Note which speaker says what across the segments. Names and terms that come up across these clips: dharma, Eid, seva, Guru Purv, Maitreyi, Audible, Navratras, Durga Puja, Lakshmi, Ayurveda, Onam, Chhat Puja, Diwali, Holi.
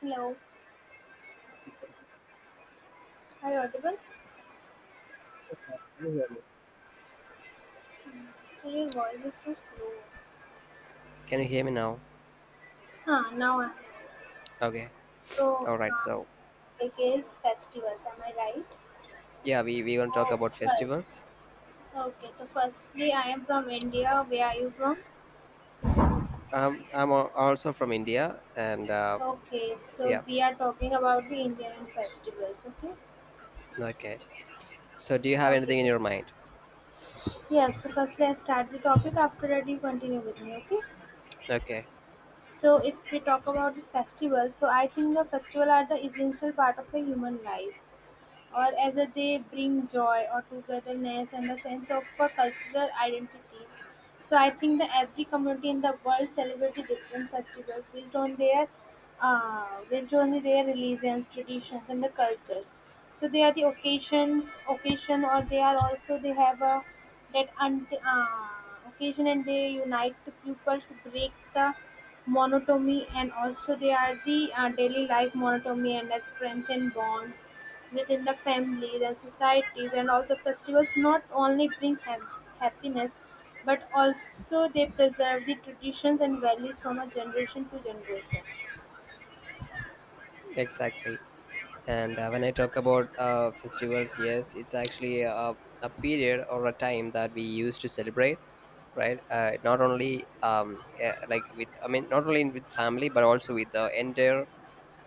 Speaker 1: Hello, hi, Audible.
Speaker 2: Can you hear me?
Speaker 1: Your voice is so slow.
Speaker 2: Can you hear me now?
Speaker 1: Huh, now I'm.
Speaker 2: Okay.
Speaker 1: So,
Speaker 2: All right.
Speaker 1: uh,
Speaker 2: So
Speaker 1: it is festivals, am I right?
Speaker 2: yeah, we we gonna talk
Speaker 1: Oh,
Speaker 2: about
Speaker 1: well.
Speaker 2: festivals.
Speaker 1: Okay, so firstly, I am from India. Where are you from?
Speaker 2: I'm also from India, and
Speaker 1: Okay, so
Speaker 2: yeah.
Speaker 1: we are talking about the Indian festivals, okay?
Speaker 2: Okay. So do you have
Speaker 1: Okay,
Speaker 2: anything in your
Speaker 1: so
Speaker 2: mind?
Speaker 1: yes, so firstly, I start the topic. After that, you continue with me, okay?
Speaker 2: Okay.
Speaker 1: So, if we talk about the festival, so I think the festival are the essential part of a human life. Or as a, they bring joy or togetherness and a sense of cultural identities. So I think that every community in the world celebrates the different festivals based on their religions, traditions, and the cultures. So they are the occasions, occasion, or they are also they have a that occasion, and they unite the people to break the monotony, and also they are the daily life monotony and as friends and bonds within the families and societies, and also festivals not only bring happiness but also they preserve the traditions and values from a generation to generation.
Speaker 2: Exactly. And when I talk about festivals, yes, it's actually a period or a time that we use to celebrate, right? Not only yeah, I mean, not only with family, but also with the entire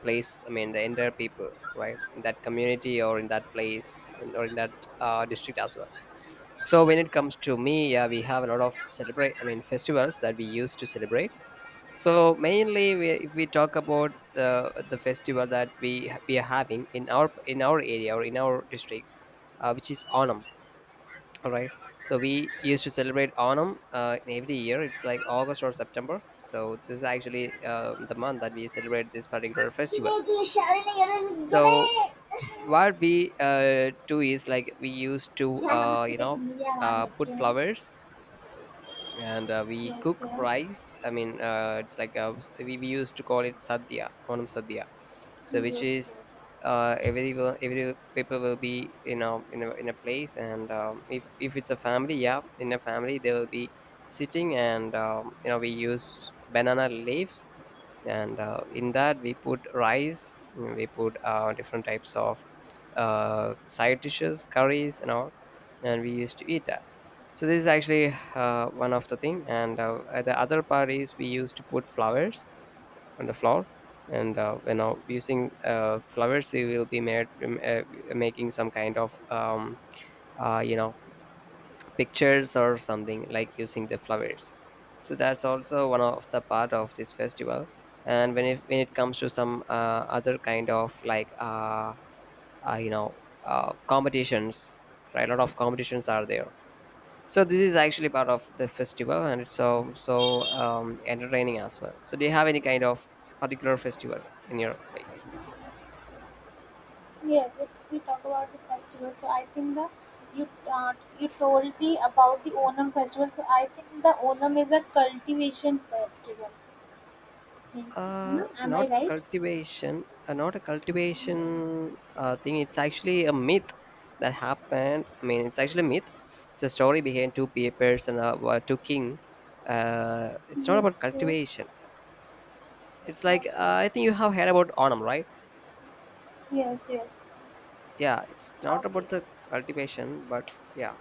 Speaker 2: place, I mean the entire people, right, in that community or in that place or in that district as well. So when it comes to me, yeah, we have a lot of celebrate I mean festivals that we used to celebrate. So mainly if we talk about the festival that we are having in our, in our area or in our district, which is Onam. All right. So we used to celebrate Onam in every year. It's like August or September. So this is actually the month that we celebrate this particular festival.
Speaker 1: किने इतनी शादी नहीं करें
Speaker 2: So
Speaker 1: किने
Speaker 2: what we do is like we used to
Speaker 1: यार आपकी
Speaker 2: you
Speaker 1: तो
Speaker 2: know,
Speaker 1: जिंदगी आवाज
Speaker 2: put
Speaker 1: रखती है.
Speaker 2: flowers, and we
Speaker 1: Yes,
Speaker 2: cook
Speaker 1: yes,
Speaker 2: rice, I mean, it's like we used to call it sadhya, Onam sadhya. So which
Speaker 1: yes,
Speaker 2: is
Speaker 1: yes.
Speaker 2: every every people will be, you know, in a place, and if it's a family, yeah, in a family they will be sitting, and you know, we use banana leaves, and in that we put rice, we put different types of side dishes, curries and all, and we used to eat that. So this is actually one of the thing, and the other part is we used to put flowers on the floor, and you know, using flowers we will be made making some kind of you know, pictures or something like using the flowers. So that's also one of the part of this festival. And when it comes to some other kind of like you know, competitions, right, a lot of competitions are there. So this is actually part of the festival, and it's so so um, entertaining as well. So do you have any kind of particular festival in your place?
Speaker 1: Yes, if we talk about the festival, so I think the you uh, you told me about the Onam festival. So I think the Onam is a cultivation festival. Think, है ना? Am I
Speaker 2: Not
Speaker 1: right?
Speaker 2: cultivation, not a cultivation thing. It's actually a myth that happened. I mean, it's actually a myth. It's a story behind two papers, and were two king. It's not
Speaker 1: Yes,
Speaker 2: about
Speaker 1: yes.
Speaker 2: cultivation. It's like I
Speaker 1: Okay.
Speaker 2: think you have heard about Onam, right?
Speaker 1: Yes, yes.
Speaker 2: Yeah, it's not
Speaker 1: Okay.
Speaker 2: about the cultivation, but yeah,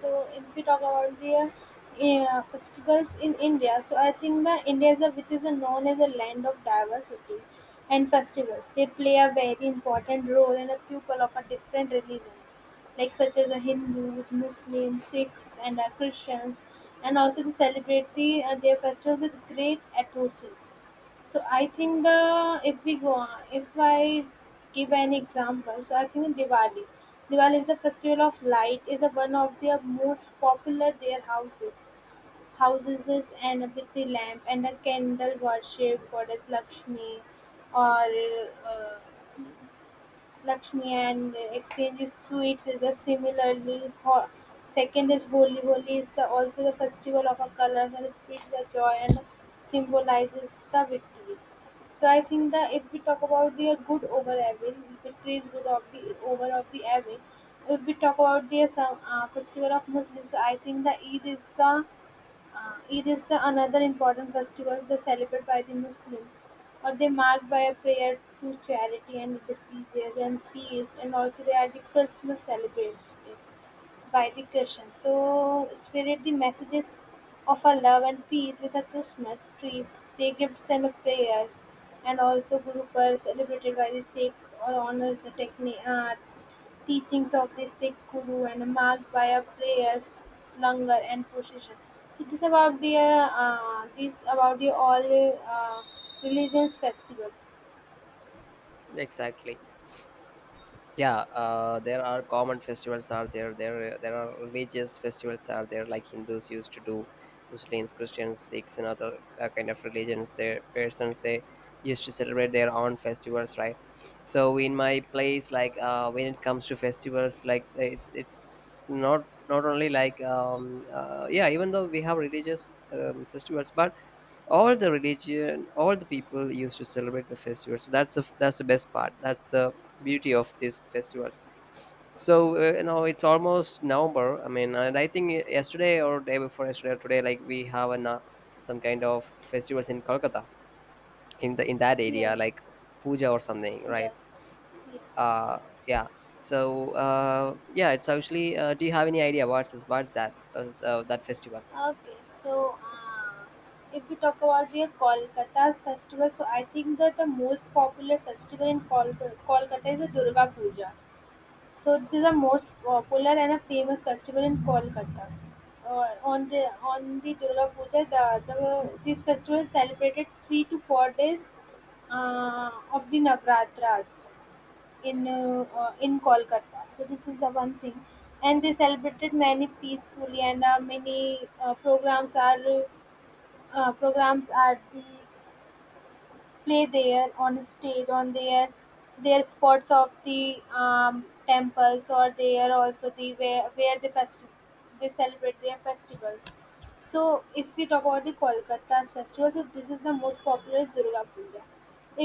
Speaker 1: So if we talk about the festivals in India, so I think the India is a, which is a known as a land of diversity and festivals. They play a very important role in a people of a different religions, like such as a Hindus, Muslims, Sikhs, and Christians, and also they celebrate the, their festival with great enthusiasm. So I think the if we go on, if I give an example, so I think Diwali. Diwali is the festival of light, is the one of their most popular their houses. Houses is and with the lamp and a candle worship goddess Lakshmi or uh, Lakshmi and exchanges sweets is a similarly hot. Second is Holi. Holi is the- also the festival of a colorful spirits the joy and symbolizes the victory. So I think that if we talk about the good over evil, victory is good of the over of the evil. If we talk about the some festival of Muslims, so I think the Eid is the Eid is the another important festival they celebrate by the Muslims, or they mark by a prayer to charity and diseases and feast, and also they are the Christmas celebrated by the Christians. So spirit the messages of our love and peace with our Christmas trees, they gifts and prayers, and also Guru Purv celebrated by the Sikh or honors the technique art teachings of the Sikh Guru and marked by a prayers, langar and procession. So this about the all uh, religions festival.
Speaker 2: exactly. Yeah, there are common festivals are there, there are religious festivals are there, like Hindus used to do, Muslims, Christians, Sikhs, and other kind of religions, their persons, they used to celebrate their own festivals, right? So in my place, like when it comes to festivals, like it's not not only like yeah, even though we have religious festivals, but all the religion, all the people used to celebrate the festival. So that's the, that's the best part, that's the beauty of these festivals. So you know, it's almost November, I mean, and I think yesterday or day before yesterday or today, like we have some kind of festivals in Kolkata, in the, in that
Speaker 1: Yes,
Speaker 2: area, like puja or something, right?
Speaker 1: yes, yes.
Speaker 2: uh yeah so yeah, it's actually do you have any idea what's that that festival?
Speaker 1: Okay, if we talk about the Kolkata's festival, so I think that the most popular festival in Kolkata, Kolkata is the Durga Puja. So this is the most popular and a famous festival in Kolkata. On the Durga Puja, the this festival is celebrated 3 to 4 days of the Navratras in Kolkata. So this is the one thing, and they celebrated many peacefully and many programs are the play there on stage on their spots of the temples or there also the where the they celebrate their festivals. So if we talk about the Kolkata's festival, so this is the most popular is Durga Puja.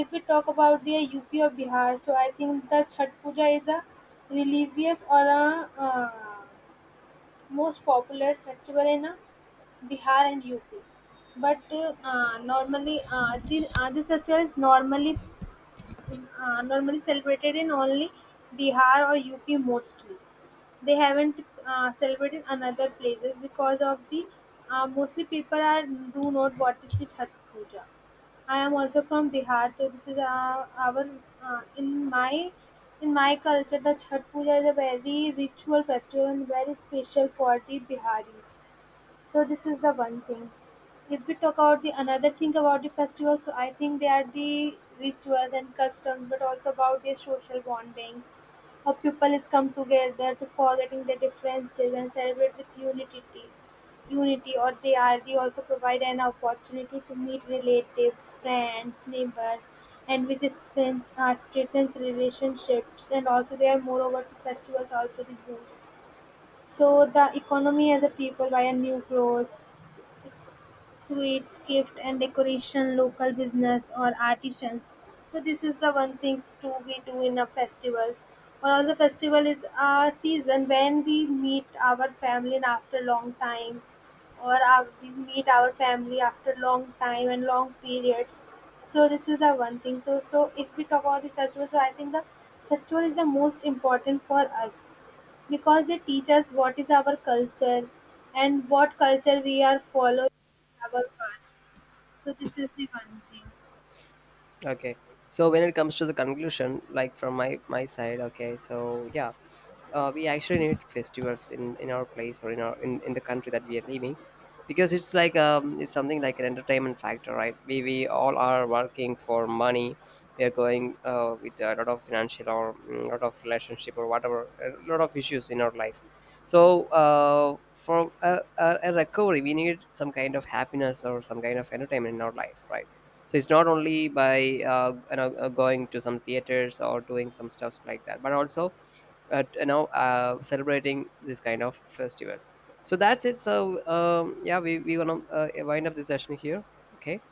Speaker 1: If we talk about the UP or Bihar, so I think the Chhat Puja is a religious or a uh, most popular festival in Bihar and UP. But normally, this festival is normally normally celebrated in only Bihar or UP mostly. They haven't celebrated in other places because of the mostly people are do not what is the Chhat Puja. I am also from Bihar, so this is our, uh, in my in my culture the Chhat Puja is a very ritual festival and very special for the Biharis. So this is the one thing. If we talk about the another thing about the festivals, so I think they are the rituals and customs, but also about their social bondings. How people is come together to forgetting their differences and celebrate with unity. Unity, or they are they also provide an opportunity to meet relatives, friends, neighbors, and which is strength, strengthens relationships. And also, they are moreover to festivals also the boost so the economy as a people via new clothes, s- sweets, gift and decoration, local business or artisans. So this is the one things to we do in a festivals. Or also festival is a season when we meet our family and after long time or our, we meet our family after long time and long periods. So this is the one thing. So, so if we talk about the festival, so I think the festival is the most important for us because they teach us what is our culture and what culture we are following in our past. So this is the one thing.
Speaker 2: Okay. So when it comes to the conclusion, like from my, my side, okay. So yeah, we actually need festivals in our place, or in our, in the country that we are living, because it's like it's something like an entertainment factor, right, we all are working for money, we are going with a lot of financial or a lot of relationship or whatever, a lot of issues in our life. So for a recovery, we need some kind of happiness or some kind of entertainment in our life, right? So it's not only by you know, going to some theaters or doing some stuffs like that, but also you know, celebrating this kind of festivals. So that's it. So yeah, we're gonna wind up this session here. Okay.